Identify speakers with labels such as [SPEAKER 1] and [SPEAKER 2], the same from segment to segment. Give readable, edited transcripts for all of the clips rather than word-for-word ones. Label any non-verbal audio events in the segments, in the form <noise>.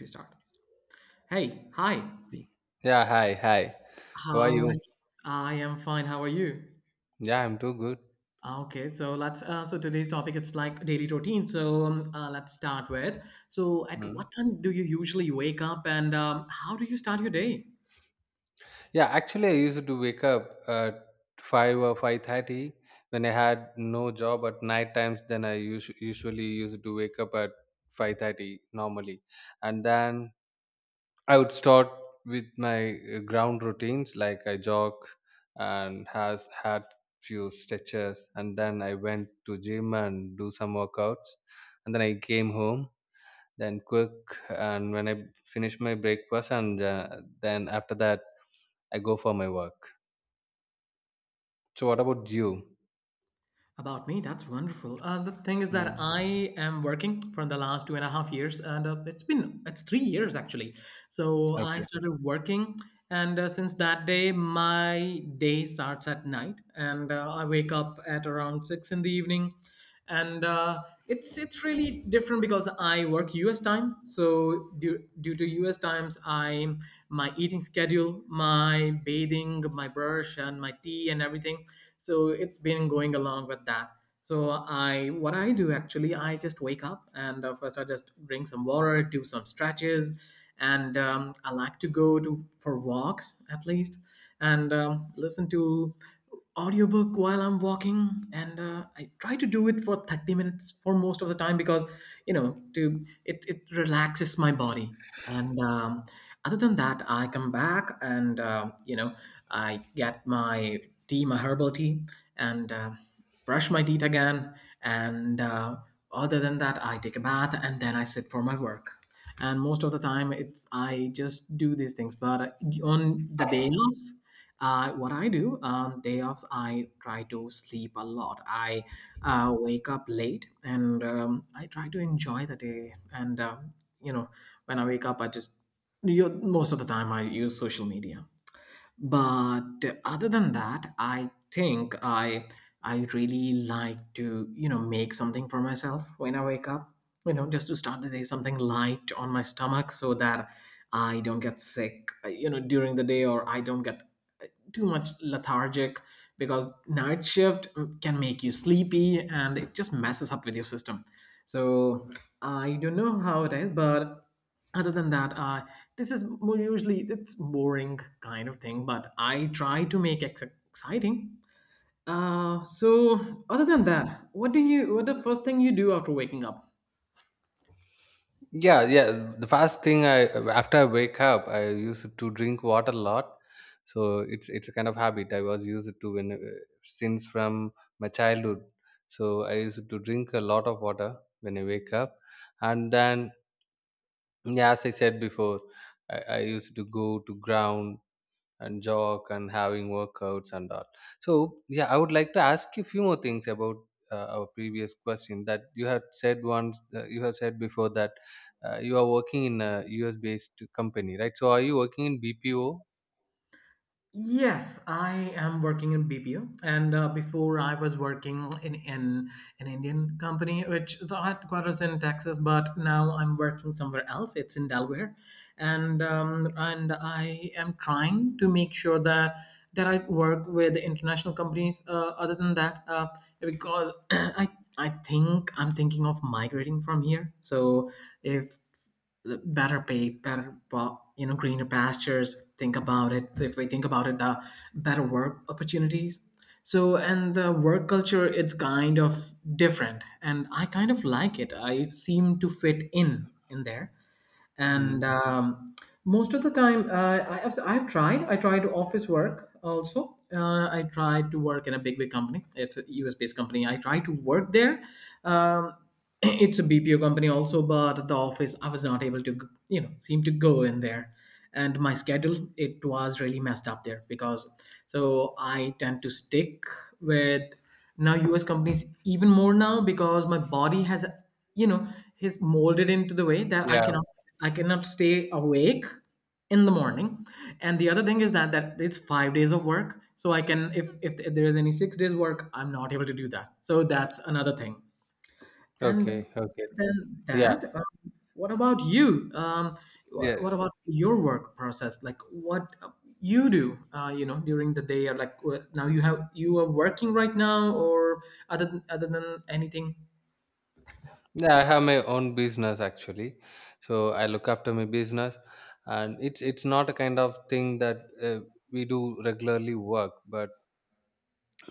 [SPEAKER 1] We start. Hey, hi.
[SPEAKER 2] Yeah, hi, hi. How are
[SPEAKER 1] How are you?
[SPEAKER 2] you?
[SPEAKER 1] I am fine. How are you?
[SPEAKER 2] Yeah, I'm too good.
[SPEAKER 1] Ah, okay, so let's. So today's topic it's like daily routine. So let's start with. So at
[SPEAKER 2] Mm.
[SPEAKER 1] what time do you usually wake up, and how do you start your day?
[SPEAKER 2] Yeah, actually, I used to wake up at 5 or 5:30 when I had no job at night times. Then I us usually used to wake up at 5:30 normally, and then I would start with my ground routines like I jog and has had few stretches, and then I went to gym and do some workouts, and then I came home then cook and when I finish my breakfast and then after that I go for my work. So what about you?
[SPEAKER 1] About me, that's wonderful. The thing is that
[SPEAKER 2] Hmm.
[SPEAKER 1] I am working for the last 2.5 years, and it's 3 years actually. So I
[SPEAKER 2] Okay.
[SPEAKER 1] started working, and since that day, my day starts at night, and I wake up at around six in the evening, and it's really different because I work U.S. time. So due to U.S. times, I my eating schedule, my bathing, my brush, and my tea and everything. So it's been going along with that. So I what I do actually, I just wake up and first I just drink some water, do some stretches, and I like to go to for walks at least and listen to audiobook while I'm walking, and I try to do it for 30 minutes for most of the time because it relaxes my body. And other than that, I come back and I get my herbal tea, and brush my teeth again, and other than that I take a bath and then I sit for my work. And most of the time, it's I just do these things, but on the day offs, what I do on day offs, I try to sleep a lot. I wake up late, and I try to enjoy the day, and you know when I wake up, I just you most of the time I use social media. But other than that, I think I really like to make something for myself when I wake up, just to start the day, something light on my stomach so that I don't get sick during the day, or I don't get too much lethargic because night shift can make you sleepy and it just messes up with your system. So I don't know how it is, but other than that, this is more usually it's boring kind of thing, but I try to make it exciting. So other than that, what do you? What the first thing you do after waking up?
[SPEAKER 2] Yeah, yeah, the first thing I, after I wake up, I used to drink water a lot. So it's a kind of habit I was used to when since from my childhood. So I used to drink a lot of water when I wake up, and then, yeah, as I said before, I used to go to ground and jog and having workouts and all. So yeah, I would like to ask you a few more things about our previous question that you had said once. You have said before that you are working in a US based company, right? So are you working in BPO?
[SPEAKER 1] Yes, I am working in BPO, and before I was working in an Indian company, which the headquarters in Texas, but now I'm working somewhere else. It's in Delaware, and I am trying to make sure that that I work with international companies. Other than that, because <clears throat> I think I'm thinking of migrating from here, so if better pay, better, well, greener pastures. Think about it. If we think about it, the better work opportunities. So and the work culture, it's kind of different, and I kind of like it. I seem to fit in there,
[SPEAKER 2] Mm.
[SPEAKER 1] and most of the time I tried office work also. I tried to work in a big company. It's a US based company. I tried to work there. um, <clears throat> it's a BPO company also, but the office, I was not able to seem to go in there, and my schedule, it was really messed up there because, so I tend to stick with now US companies even more now, because my body has, you know is molded into the way that i
[SPEAKER 2] Yeah.
[SPEAKER 1] cannot i cannot stay awake in the morning. And the other thing is that that it's 5 days of work, so I can, if there is any 6 days work, I'm not able to do that, so that's another thing. And
[SPEAKER 2] Okay. Okay.
[SPEAKER 1] then
[SPEAKER 2] Yeah.
[SPEAKER 1] what about you?
[SPEAKER 2] Yes.
[SPEAKER 1] What about your work process? Like what you do, during the day, or like now you are working right now, or other than anything?
[SPEAKER 2] Yeah, I have my own business actually. So I look after my business, and it's not a kind of thing that we do regularly work, but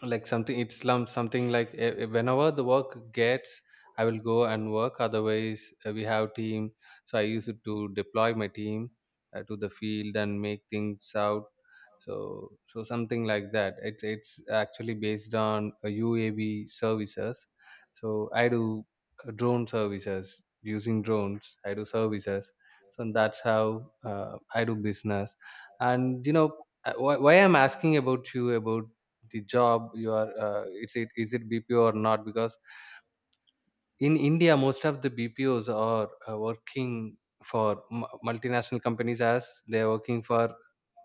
[SPEAKER 2] like something it's slum something like whenever the work gets, I will go and work. Otherwise, we have team, so I used to deploy my team to the field and make things out. So something like that, it's actually based on UAV services. So I do drone services, using drones I do services. So that's how I do business. And you know, why I'm asking about you about the job you are, it's, it is it BPO or not, because in India most of the BPOs are working for multinational companies, as they're working for,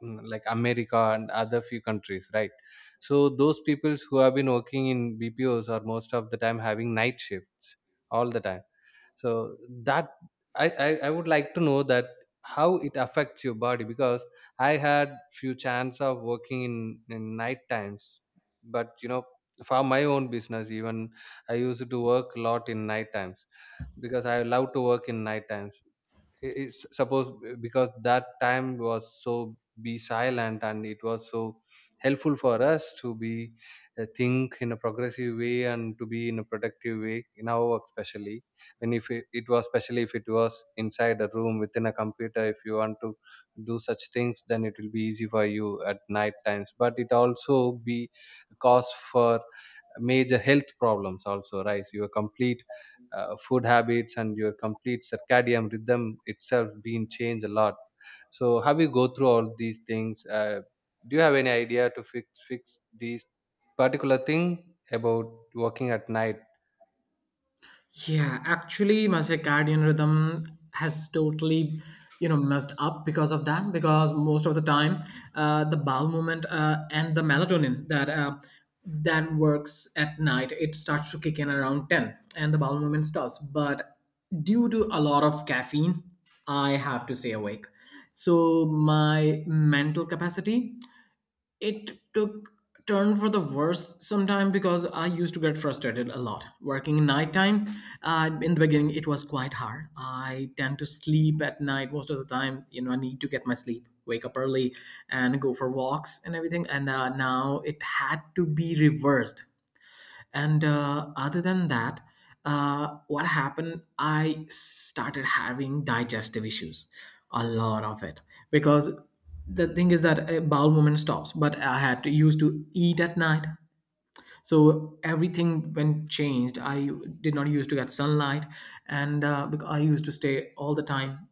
[SPEAKER 2] mm, like America and other few countries, right? So those peoples who have been working in BPOs are most of the time having night shifts all the time. So that, I would like to know that how it affects your body, because I had few chance of working in night times, but you know, for my own business even, I used to work a lot in night times, because I love to work in night times. It's suppose because that time was so be silent, and it was so helpful for us to be think in a progressive way and to be in a productive way in our work especially. And if it, it was, especially if it was inside a room within a computer, if you want to do such things, then it will be easy for you at night times, but it also be cause for major health problems, also rise your complete food habits and your complete circadian rhythm itself being changed a lot. So how you go through all these things? Uh, do you have any idea to fix these particular thing about working at night?
[SPEAKER 1] Yeah, actually, my circadian rhythm has totally, messed up because of that. Because most of the time, the bowel movement and the melatonin that that works at night, it starts to kick in around 10, and the bowel movement stops. But due to a lot of caffeine, I have to stay awake. So my mental capacity, it took turn for the worse sometime, because I used to get frustrated a lot working in nighttime. In the beginning, it was quite hard. I tend to sleep at night most of the time. I need to get my sleep, wake up early and go for walks and everything, and now it had to be reversed, and other than that, what happened, I started having digestive issues, a lot of it, because the thing is that a bowel movement stops, but I had to used to eat at night, so everything when changed, I did not used to get sunlight, and I used to stay all the time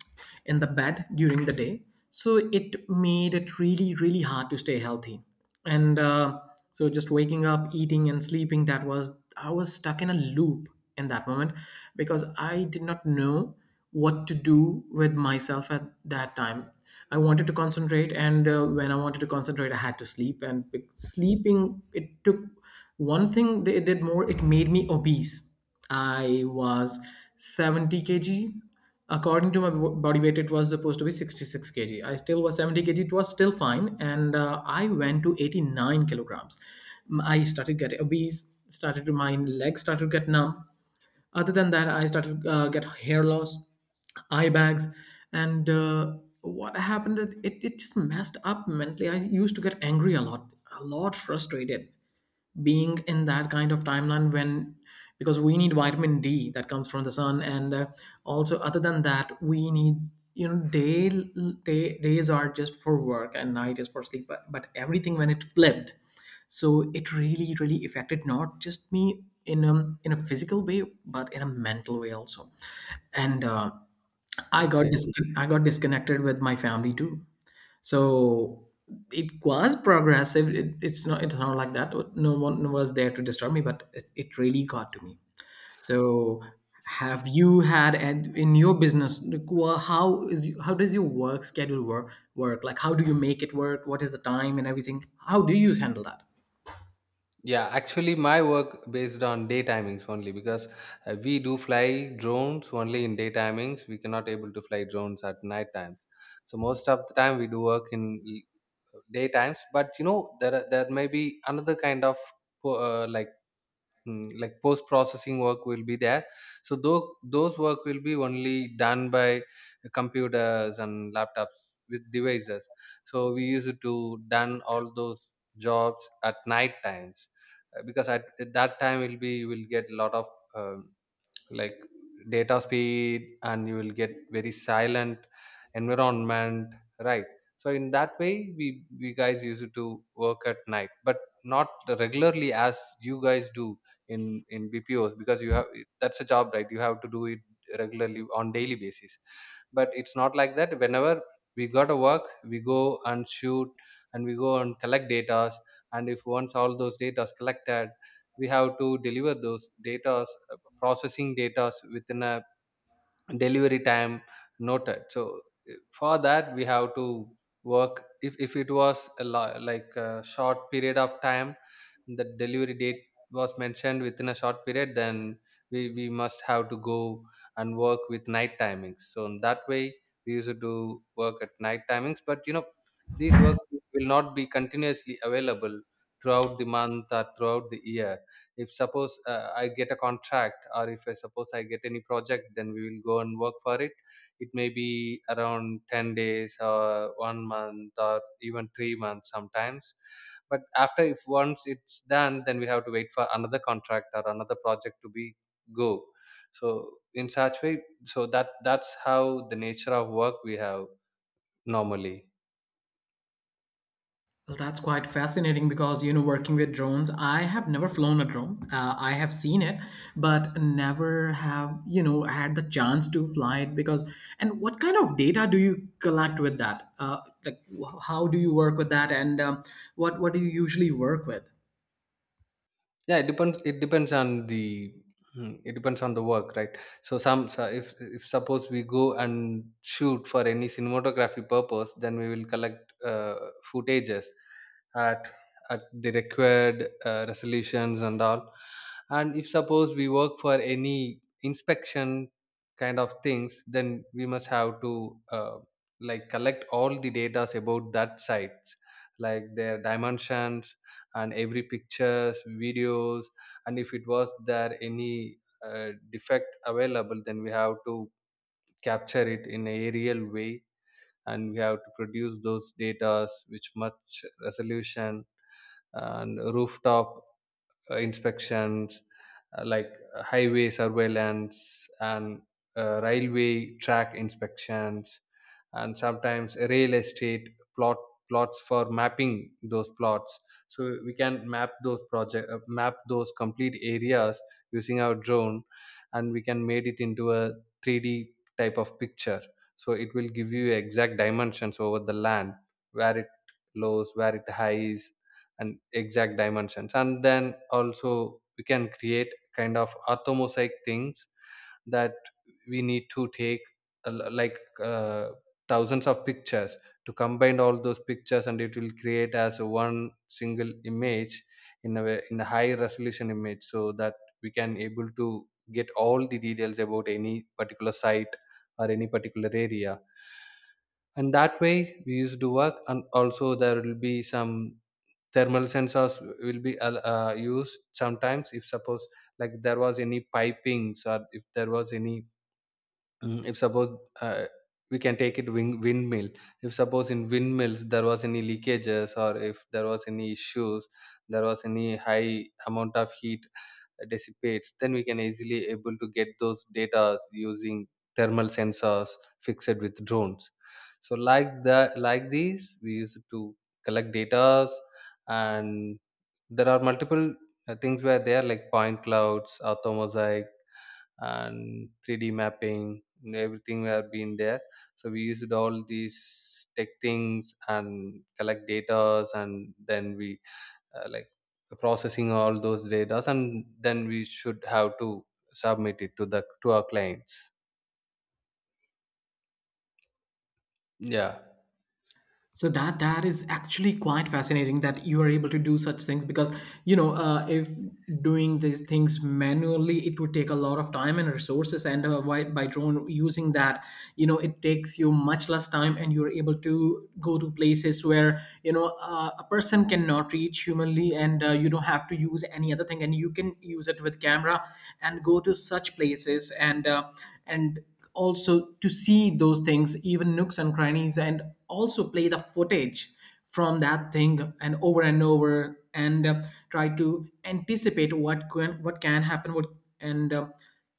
[SPEAKER 1] in the bed during the day, so it made it really really hard to stay healthy, and so just waking up, eating and sleeping, that was I was stuck in a loop in that moment, because I did not know what to do with myself at that time. I wanted to concentrate, and when I wanted to concentrate, I had to sleep, and sleeping, it took one thing they did more, it made me obese. I was 70 kg. According to my body weight, it was supposed to be 66 kg. I still was 70 kg. It was still fine. And I went to 89 kg. I started getting obese, started to, my legs started to get numb. Other than that, I started to get hair loss, eye bags, and what happened is, it just messed up mentally. I used to get angry a lot, frustrated, being in that kind of timeline. When, because we need vitamin D that comes from the sun, and also other than that we need, day, days are just for work and night is for sleep, but everything when it flipped. So it really really affected not just me in a, physical way, but in a mental way also, and uh, i got
[SPEAKER 2] Okay.
[SPEAKER 1] dis- i got disconnected with my family too. So it was progressive. It's not like that no one was there to disturb me, but it really got to me. So have you had and in your business, like, how does your work schedule work, like how do you make it work, what is the time and everything, how do you handle that?
[SPEAKER 2] Yeah, actually, my work based on day timings only, because we do fly drones only in day timings. We cannot able to fly drones at night times. So most of the time we do work in day times. But you know, there are- there may be another kind of like, mm, like post processing work will be there. So those work will be only done by computers and laptops with devices. So we used to done all those jobs at night times, because at that time will be, you will get a lot of, um, like, data speed, and you will get very silent environment, right? So in that way we guys used to work at night, but not regularly as you guys do in BPOs, because you have, that's a job, right? You have to do it regularly on daily basis. But it's not like that. Whenever we got to work, we go and shoot, and we go and collect data, and if once all those data is collected, we have to deliver those data, processing data within a delivery time noted. So for that we have to work if it was a like a short period of time, the delivery date was mentioned within a short period, then we must have to go and work with night timings. So in that way we used to do work at night timings. But you know, these work will not be continuously available throughout the month or throughout the year. If suppose I get a contract, or if I suppose I get any project, then we will go and work for it. It may be around 10 days or 1 month or even 3 months sometimes. But after, if once it's done, then we have to wait for another contract or another project to be go. So in such way, so that that's how the nature of work we have normally.
[SPEAKER 1] Well, that's quite fascinating because, working with drones, I have never flown a drone. I have seen it, but never have, had the chance to fly it, because, and what kind of data do you collect with that? How do you work with that? And what do you usually work with?
[SPEAKER 2] Yeah, it depends on the, mm, it depends on the work, right? So some, so if suppose we go and shoot for any cinematography purpose, then we will collect footages at at the required resolutions and all. And if suppose we work for any inspection kind of things, then we must have to, uh, like, collect all the data about that sites, like their dimensions and every pictures videos, and if it was there any defect available, then we have to capture it in a real way, and we have to produce those data with much resolution, and rooftop inspections, like, highway surveillance, and railway track inspections, and sometimes real estate plot plots for mapping those plots. So we can map those project, map those complete areas using our drone, and we can made it into a 3D type of picture. So it will give you exact dimensions over the land where it lows, where it highs, and exact dimensions, and then also we can create kind of orthomosaic things that we need to take like thousands of pictures to combine all those pictures, and it will create as one single image, in a way, in a high resolution image, so that we can able to get all the details about any particular site or any particular area. And that way we used to work. And also there will be some thermal sensors will be used sometimes if suppose like there was any pipings, or if there was any, mm, if suppose, we can take it windmill. If suppose in windmills there was any leakages, or if there was any issues, there was any high amount of heat dissipates, then we can easily able to get those data using thermal sensors fixed with drones. So like the, like these, we used to collect data. And there are multiple things where they are like point clouds, orthomosaic, and 3D mapping, and everything have been there. So we used all these tech things and collect data, and then we, like, processing all those data, and then we should have to submit it to the, to our clients. Yeah.
[SPEAKER 1] So that is actually quite fascinating that you are able to do such things, because if doing these things manually, it would take a lot of time and resources, and by drone using that, it takes you much less time, and you're able to go to places where, a person cannot reach humanly, and you don't have to use any other thing, and you can use it with camera and go to such places, and and also to see those things, even nooks and crannies, and also play the footage from that thing, and over and over, and try to anticipate what can happen. What and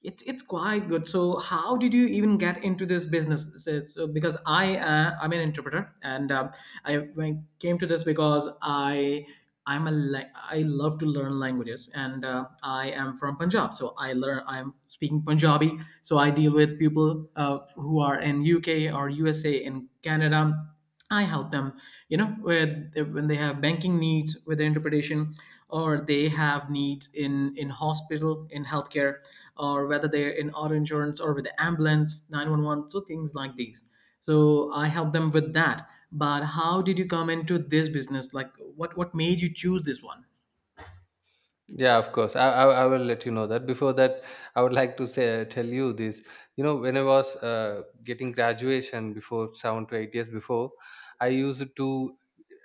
[SPEAKER 1] It's quite good. So how did you even get into this business? Because I'm an interpreter, and I came to this because I I'm a la- I love to learn languages, and I am from Punjab, so I'm speaking Punjabi. So I deal with people who are in UK or USA in Canada. I help them, with when they have banking needs with their interpretation, or they have needs in hospital, in healthcare, or whether they're in auto insurance or with the ambulance, 911, so things like these. So I help them with that, but how did you come into this business, like what made you choose this one?
[SPEAKER 2] Yeah, of course. I will let you know that. Before that, I would like to say tell you this. You know, when I was getting graduation before 7 to 8 years before, I used to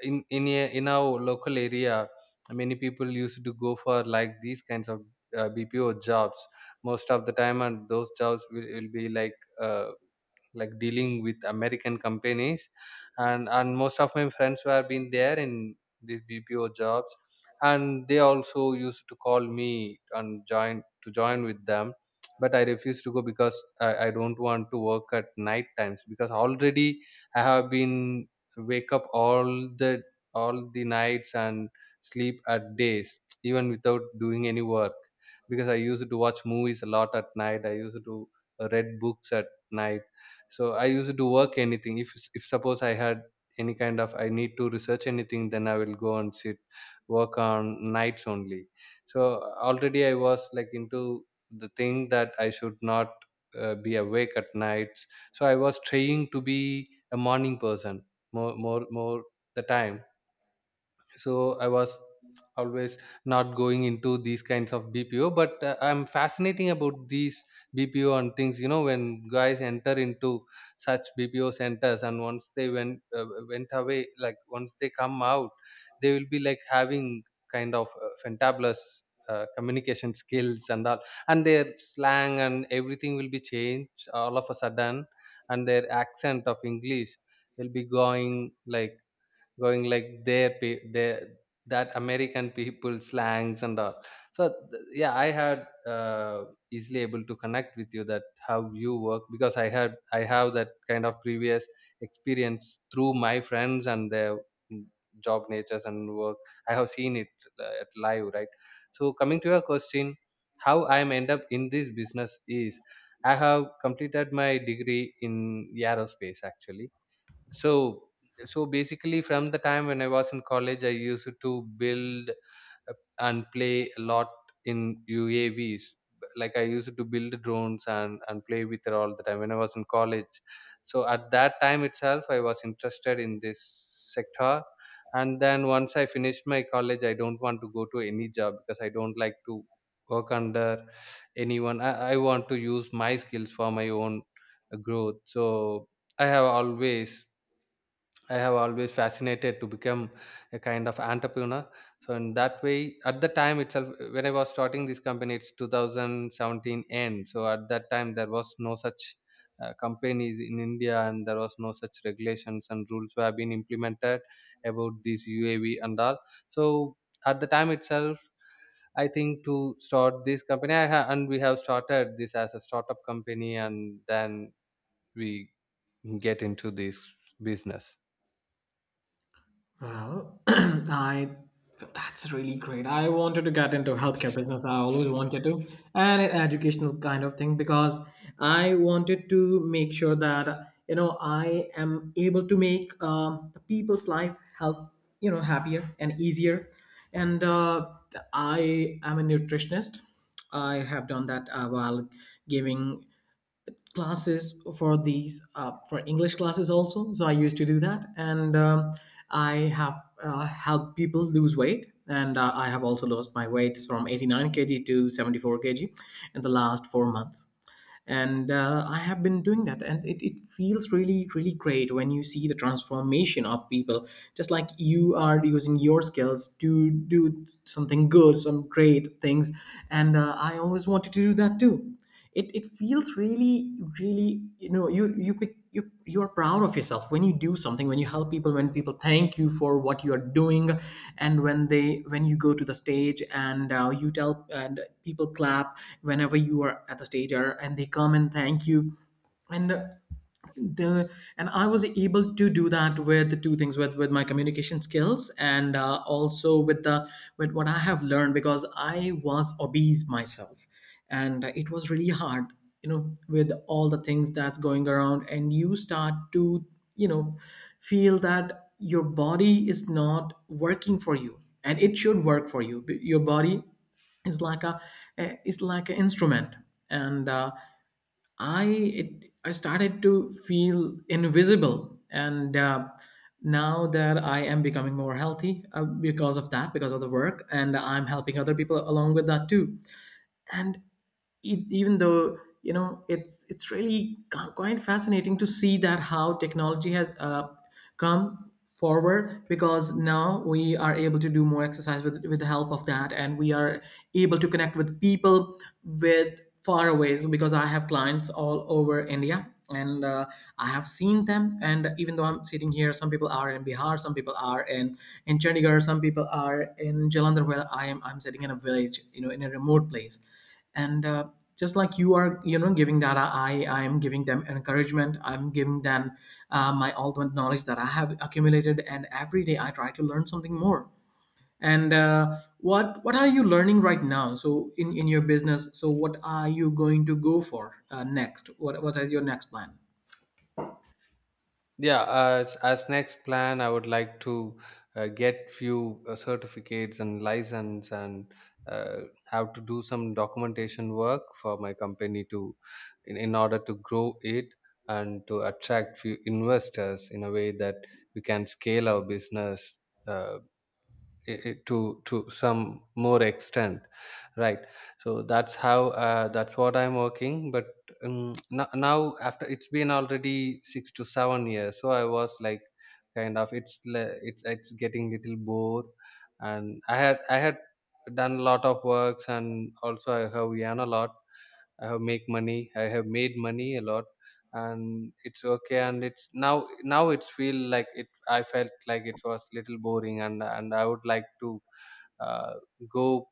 [SPEAKER 2] in a, in our local area, many people used to go for like these kinds of BPO jobs. Most of the time, and those jobs will be like. Uh, like dealing with American companies, and most of my friends who have been there in these BPO jobs, and they also used to call me and join to join with them, but I refused to go because I don't want to work at night times, because already I have been wake up the all the nights and sleep at days, even without doing any work, because I used to watch movies a lot at night. I used to read books at night. So I used to work anything if suppose I had any kind of I need to research anything, then I will go and sit work on nights only. So already I was like into the thing that I should not be awake at nights. So I was trying to be a morning person more the time. So I was always not going into these kinds of BPO, but I'm fascinating about these BPO and things when guys enter into such BPO centers, and once they went away, like once they come out, they will be like having kind of fantabulous communication skills and all. And their slang and everything will be changed all of a sudden, and their accent of English will be going like their that American people slangs and all. So yeah, I had easily able to connect with you that how you work, because I have that kind of previous experience through my friends and their mm, job natures and work. I have seen it at live, right? So coming to your question, how I am end up in this business is, I have completed my degree in aerospace, actually. So so basically, from the time when I was in college, I used to build and play a lot in UAVs, like I used to build drones and play with it all the time when I was in college. So at that time itself, I was interested in this sector. And then once I finished my college, I don't want to go to any job because I don't like to work under anyone. I want to use my skills for my own growth. So I have always I have always fascinated to become a kind of entrepreneur. So in that way, at the time itself, when I was starting this company, it's 2017 end. So at that time, there was no such companies in India, and there was no such regulations and rules were being implemented about this UAV and all. So at the time itself, I think to start this company, and we have started this as a startup company, and then we get into this business.
[SPEAKER 1] Well, <clears throat> I that's really great. I wanted to get into healthcare business. I always wanted to, and an educational kind of thing because I wanted to make sure that I am able to make the people's life help happier and easier. And I am a nutritionist. I have done that while giving classes for these for english classes also, so I used to do that, and I have helped people lose weight, and I have also lost my weight from 89 kg to 74 kg in the last 4 months, and I have been doing that, and it feels really really great when you see the transformation of people, just like you are using your skills to do something good, some great things. And I always wanted to do that too. It feels really really you're proud of yourself when you do something, when you help people, when people thank you for what you're doing. And when you go to the stage and you tell and people clap whenever you are at the stage, and they come and thank you. And the and I was able to do that with the two things, with my communication skills, and also with the with what I have learned, because I was obese myself. And it was really hard, with all the things that's going around, and you start to you know feel that your body is not working for you, and it should work for you. Your body is like a is like an instrument. And I I started to feel invisible, and now that I am becoming more healthy, because of that, because of the work, and I'm helping other people along with that too. And even though it's really quite fascinating to see that how technology has come forward, because now we are able to do more exercise with the help of that, and we are able to connect with people with far away. So because I have clients all over India, and I have seen them, and even though I'm sitting here, some people are in Bihar, some people are in Chandigarh, some people are in Jalandhar, where I'm sitting in a village, in a remote place. And just like you are giving that, I am giving them encouragement, I'm giving them my ultimate knowledge that I have accumulated, and every day I try to learn something more. And what are you learning right now? So, in your business, so what are you going to go for next? What is your next plan?
[SPEAKER 2] Yeah, as next plan, I would like to get few certificates and license, and have to do some documentation work for my company to in order to grow it, and to attract few investors in a way that we can scale our business uh, i- i- to to some more extent, right? So that's how, that's what I'm working, but now after it's been already 6 to 7 years, so I was like kind of it's le- it's getting little bored. And I had done a lot of works, and also I have earn a lot. I have make money. I have made money a lot, and it's okay. And it's now it's feel like it. I felt like it was little boring, and I would like to uh, go.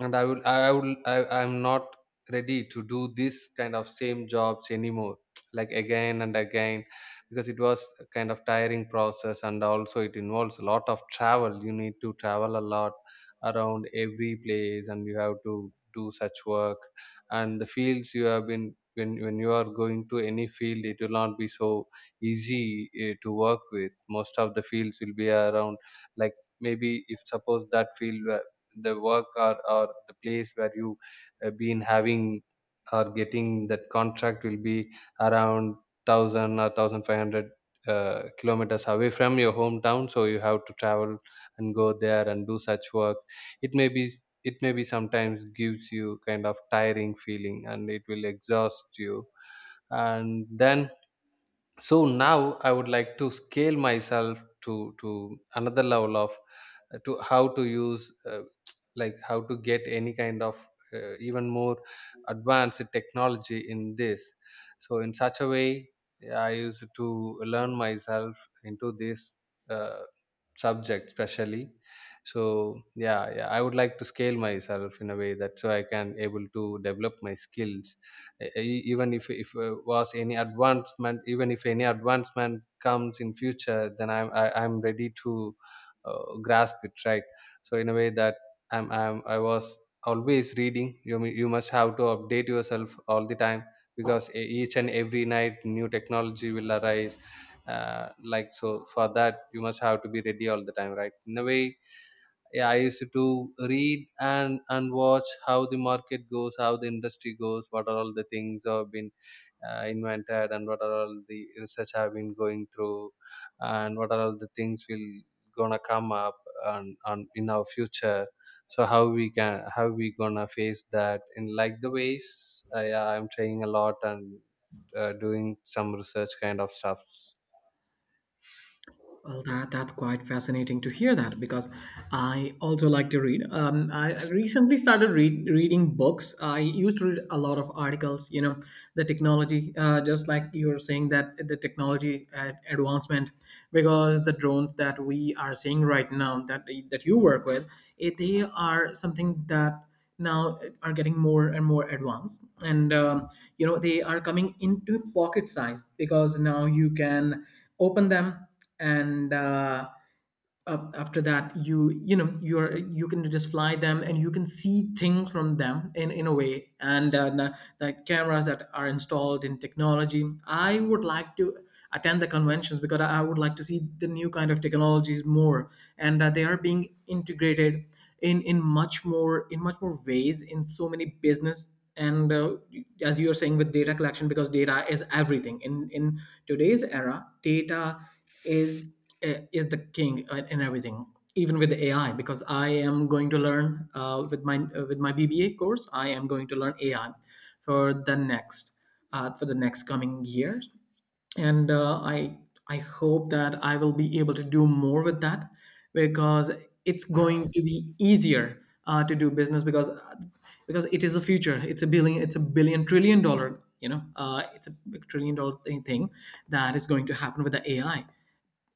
[SPEAKER 2] And I'm not ready to do this kind of same jobs anymore <tsk> like again and again, because it was a kind of tiring process and also it involves a lot of travel. You need to travel a lot around every place and you have to do such work. And the fields you have been, when you are going to any field, it will not be so easy, to work with. Most of the fields will be around, like, maybe if suppose the work, or the place where you been having or getting that contract will be around 1000 or 1500 kilometers away from your hometown, so you have to travel and go there and do such work. It may be it may be sometimes gives you kind of tiring feeling, and it will exhaust you. And then so now I would like to scale myself to another level of, to how to use, <tsk> like how to get any kind of even more advanced technology in this. So in such a way, I used to learn myself into this uh, subject especially. So yeah, yeah, I would like to scale myself in a way that so I can able to develop my skills, even if any advancement comes in future, then I'm ready to grasp it, right? So in a way that I was always reading. You must have to update yourself all the time, because each and every night new technology will arise, like. So for that you must have to be ready all the time, right, in a way. Yeah, I used to read and watch how the market goes, how the industry goes, what are all the things have been invented, and what are all the research have been going through, and what are all the things will gonna come up and in our future. So how we gonna face that in, like, the ways. Yeah, I'm trying a lot and doing some research kind of stuff.
[SPEAKER 1] Well, that's quite fascinating to hear, that because I also like to read. I recently started reading books. I used to read a lot of articles. The technology, just like you were saying, that the technology advancement, because the drones that we are seeing right now, that you work with, they are something that now are getting more and more advanced. And they are coming into pocket size, because now you can open them, and after that, you can just fly them, and you can see things from them in a way. And the cameras that are installed in technology, I would like to attend the conventions, because I would like to see the new kind of technologies more. And they are being integrated in much more ways in so many business. And as you are saying, with data collection, because data is everything in today's era. Data is is the king, in everything, even with AI, because I am going to learn with my BBA course. I am going to learn AI for the next coming years, and I hope that I will be able to do more with that, because it's going to be easier to do business, because it is a future. It's a billion. It's a billion trillion dollar. It's a big trillion dollar thing that is going to happen with the AI.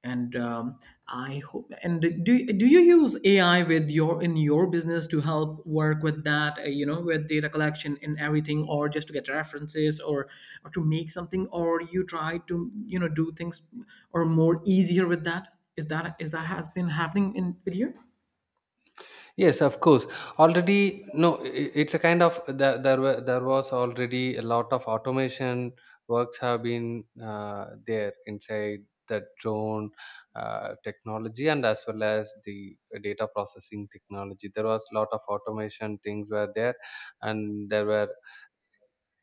[SPEAKER 1] And I hope. And do you use AI with your in your business to help work with that, with data collection and everything? Or just to get references, or to make something, or you try to do things or more easier with that? Is that has been happening in with you?
[SPEAKER 2] Yes, of course. Already, no, it's a kind of there. There was already a lot of automation works have been there inside the drone technology, and as well as the data processing technology. There was a lot of automation things were there, and there were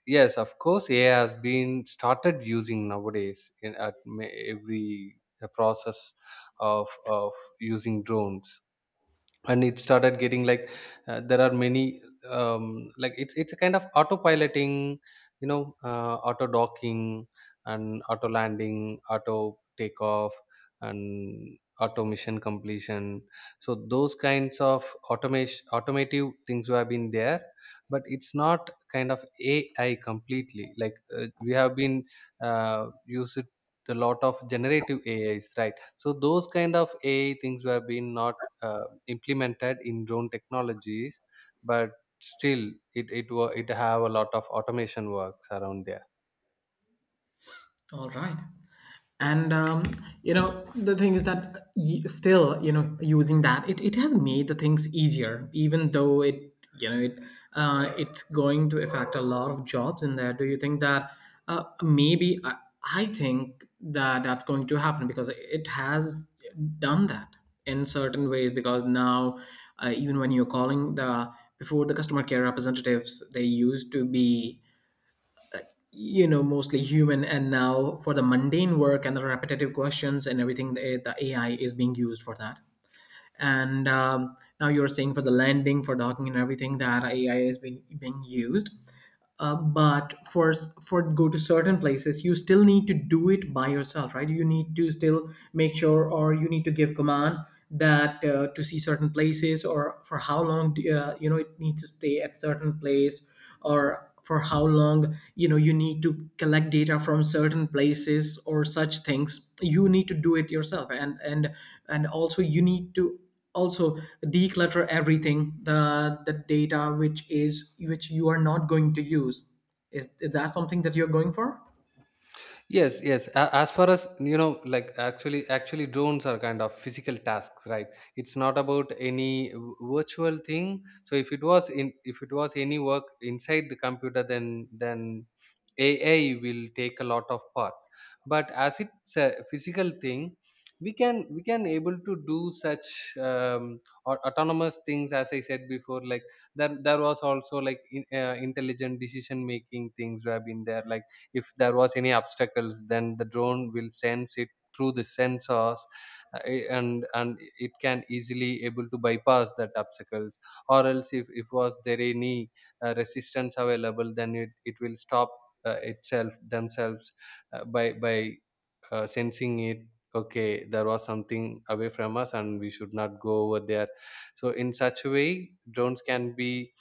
[SPEAKER 2] yes, of course, AI has been started using nowadays in at every process of using drones. And it started getting like, there are many, like it's a kind of autopiloting, auto docking, and auto landing, auto takeoff, and auto mission completion. So those kinds of automation automative things have been there, but it's not kind of AI completely, like we have been used a lot of generative AIs, right? So those kind of AI things have been not implemented in drone technologies, but still it have a lot of automation works around there.
[SPEAKER 1] All right. And the thing is that still, using that, it has made the things easier, even though it you know it it's going to affect a lot of jobs in there. Do you think that maybe I think that that's going to happen, because it has done that in certain ways. Because now even when you're calling the before, the customer care representatives, they used to be mostly human, and now, for the mundane work and the repetitive questions and everything, the AI is being used for that. And now you're saying, for the landing, for docking and everything, that AI is being used. But for go to certain places, you still need to do it by yourself, right? You need to still make sure, or you need to give command that, to see certain places, or for how long it needs to stay at certain place, or for how long you need to collect data from certain places, or such things, you need to do it yourself. And also, you need to also declutter everything, the data which you are not going to use. Is that something that you're going for?
[SPEAKER 2] Yes, yes. As far as you know, like actually drones are kind of physical tasks, right? It's not about any virtual thing. So if it was any work inside the computer, then AI will take a lot of part. But as it's a physical thing, we can able to do such, autonomous things as I said before. Like, there was also like intelligent decision making things have been there, like if there was any obstacles, then the drone will sense it through the sensors, and it can easily able to bypass that obstacles. Or else, if was there any resistance available, then it will stop, itself themselves, by sensing it. Okay, there was something away from us and we should not go over there. So in such a way drones can be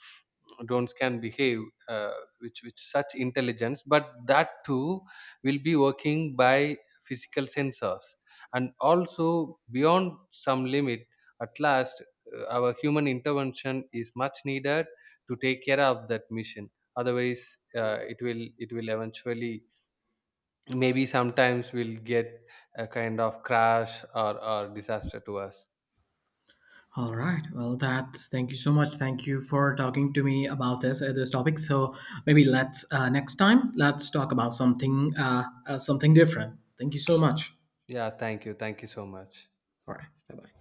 [SPEAKER 2] drones can behave, uh, which with such intelligence. But that too will be working by physical sensors, and also beyond some limit at last, our human intervention is much needed to take care of that mission. Otherwise, it will eventually maybe sometimes will get a kind of crash or disaster to us.
[SPEAKER 1] All right. Well, that's thank you so much. Thank you for talking to me about this topic. So maybe, let's next time let's talk about something different. Thank you so much.
[SPEAKER 2] Yeah, thank you, thank you so much.
[SPEAKER 1] All right. Bye bye.